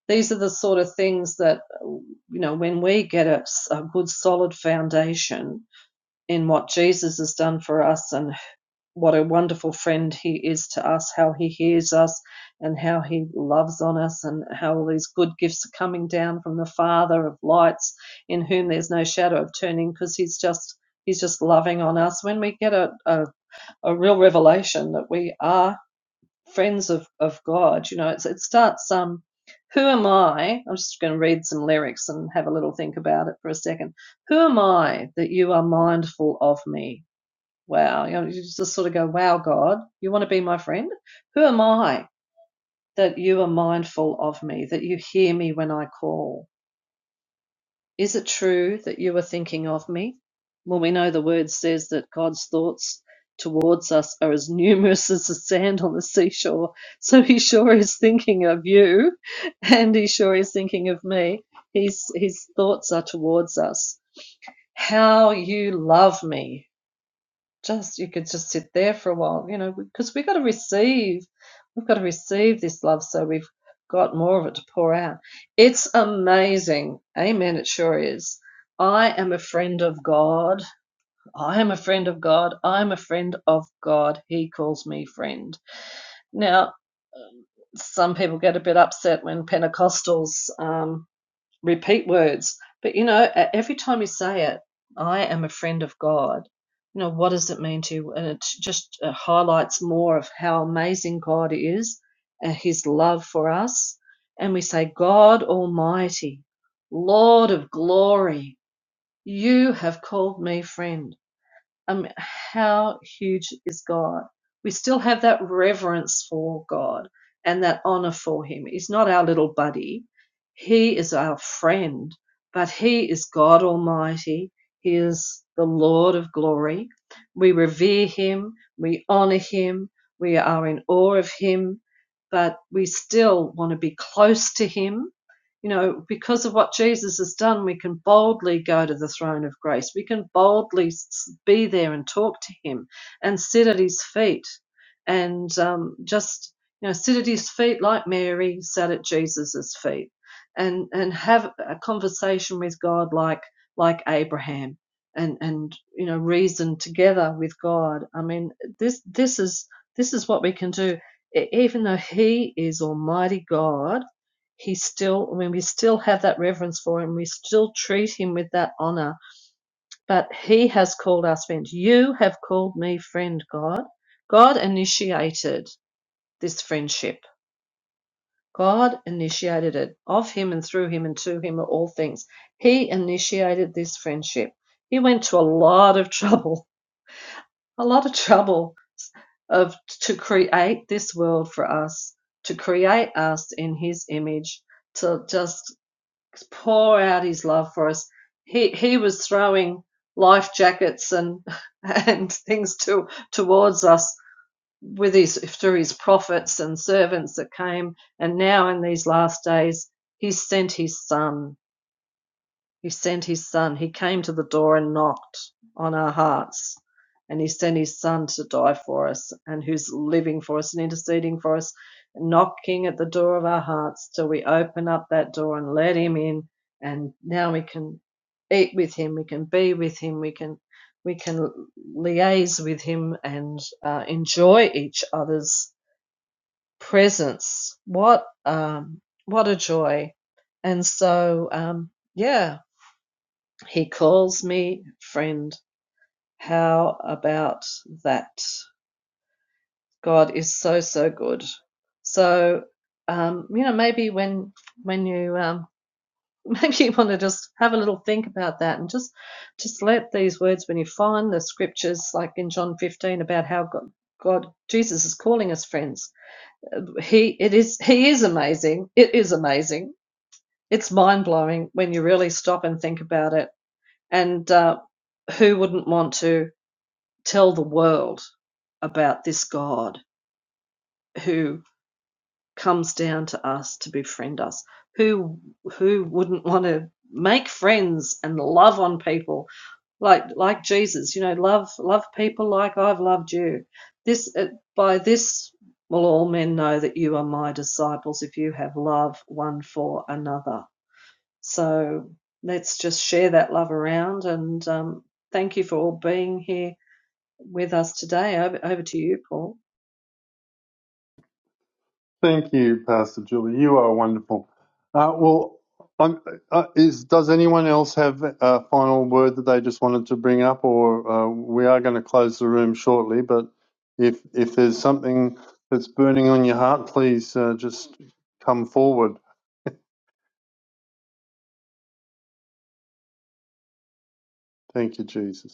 S2: These are the sort of things that you know when we get a a good solid foundation in what Jesus has done for us and what a wonderful friend he is to us, how he hears us and how he loves on us, and how all these good gifts are coming down from the Father of lights, in whom there's no shadow of turning, because he's just he's just loving on us. When we get a, a, a real revelation that we are friends of, of God, you know, it's, it starts um who am I? I'm just going to read some lyrics and have a little think about it for a second. Who am I that you are mindful of me? Wow. You, know, you just sort of go, wow, God, you want to be my friend? Who am I that you are mindful of me, that you hear me when I call? Is it true that you are thinking of me? Well, we know the word says that God's thoughts towards us are as numerous as the sand on the seashore. So he sure is thinking of you and he sure is thinking of me. His, his thoughts are towards us. How you love me. just you could just sit there for a while, you know, because we've got to receive, we've got to receive this love, so we've got more of it to pour out. It's amazing, Amen. It sure is. I am a friend of God. I am a friend of God. I'm a friend of God. He calls me friend. Now, some people get a bit upset when Pentecostals um, repeat words. But you know, e- every time you say it, I am a friend of God. You know, what does it mean to you? And it just uh, highlights more of how amazing God is and his love for us. And we say, God Almighty, Lord of glory, you have called me friend um, how huge is God? We still have that reverence for God and that honor for Him. He's not our little buddy, He is our friend, but He is God Almighty. He is the Lord of glory. We revere Him, we honor Him, we are in awe of Him, but we still want to be close to Him you know, because of what Jesus has done, we can boldly go to the throne of grace. We can boldly be there and talk to Him and sit at His feet and um, just, you know, sit at His feet like Mary sat at Jesus's feet and, and have a conversation with God like, like Abraham. And, and you know reason together with God. I mean this this is this is what we can do E- even though He is Almighty God he still, I mean, we still have that reverence for him. We still treat him with that honor. But he has called us friend. You have called me friend, God. God initiated this friendship. God initiated it. Of him and through him and to him are all things. He initiated this friendship. He went to a lot of trouble, a lot of trouble of to create this world for us, to create us in his image, to just pour out his love for us. He he was throwing life jackets and and things to towards us with his through his prophets and servants that came, and now in these last days he sent his son. He sent his son. He came to the door and knocked on our hearts. And he sent his son to die for us and who's living for us and interceding for us, knocking at the door of our hearts till we open up that door and let him in. And now we can eat with him. We can be with him. We can, we can liaise with him and uh, enjoy each other's presence. What, um, what a joy. And so, um, yeah, he calls me friend. How about that? God is so so good. So um, you know, maybe when when you um, maybe you want to just have a little think about that and just just let these words when you find the scriptures like in John 15 about how God, God Jesus is calling us friends. He it is he is amazing. It is amazing. It's mind blowing when you really stop and think about it. And uh, who wouldn't want to tell the world about this God who comes down to us to befriend us. Who who wouldn't want to make friends and love on people like like Jesus? You know, love love people like I've loved you. This uh, by this will all men know that you are my disciples if you have love one for another. So let's just share that love around and um, thank you for all being here with us today. Over, over to you, Paul.
S1: Thank you, Pastor Julie. You are wonderful. Uh, well, um, uh, is, does anyone else have a final word that they just wanted to bring up, or uh, we are going to close the room shortly? But if if there's something that's burning on your heart, please uh, just come forward. Thank you, Jesus.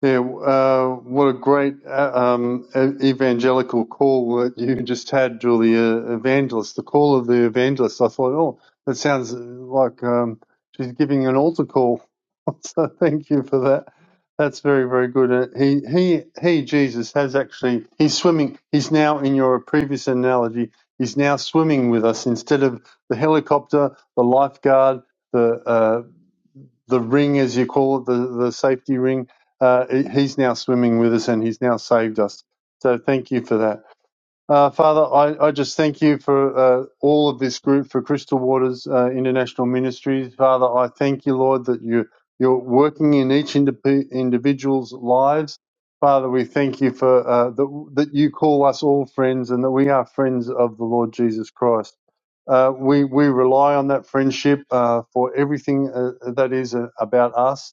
S1: Yeah, uh, what a great uh, um, e- evangelical call that you just had, Julia Evangelist. The call of the evangelist. I thought, oh, that sounds like um, she's giving an altar call. so thank you for that. That's very, very good. Uh, He, he, he, Jesus has actually. He's swimming. He's now in your previous analogy. He's now swimming with us instead of the helicopter, the lifeguard, the uh, the ring, as you call it, the, the safety ring. Uh, he's now swimming with us and he's now saved us. So thank you for that. Uh, Father, I, I just thank you for uh, all of this group for Crystal Waters uh, International Ministries. Father, I thank you, Lord, that you, you're working in each indip- individual's lives. Father, we thank you for uh, that, that you call us all friends and that we are friends of the Lord Jesus Christ. Uh, we, we rely on that friendship uh, for everything uh, that is uh, about us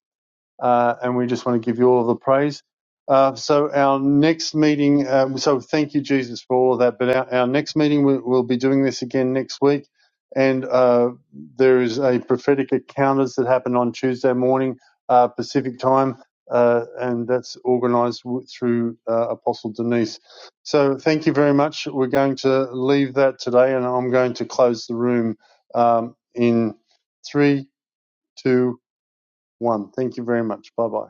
S1: uh, and we just want to give you all the praise. Uh, so our next meeting, um, so thank you, Jesus, for all of that. But our, our next meeting, we, we'll be doing this again next week, and uh, there is a prophetic encounters that happen on Tuesday morning uh, Pacific time, uh, and that's organised w- through uh, Apostle Denise. So thank you very much. We're going to leave that today, and I'm going to close the room um, in three, two, one. Thank you very much. Bye bye.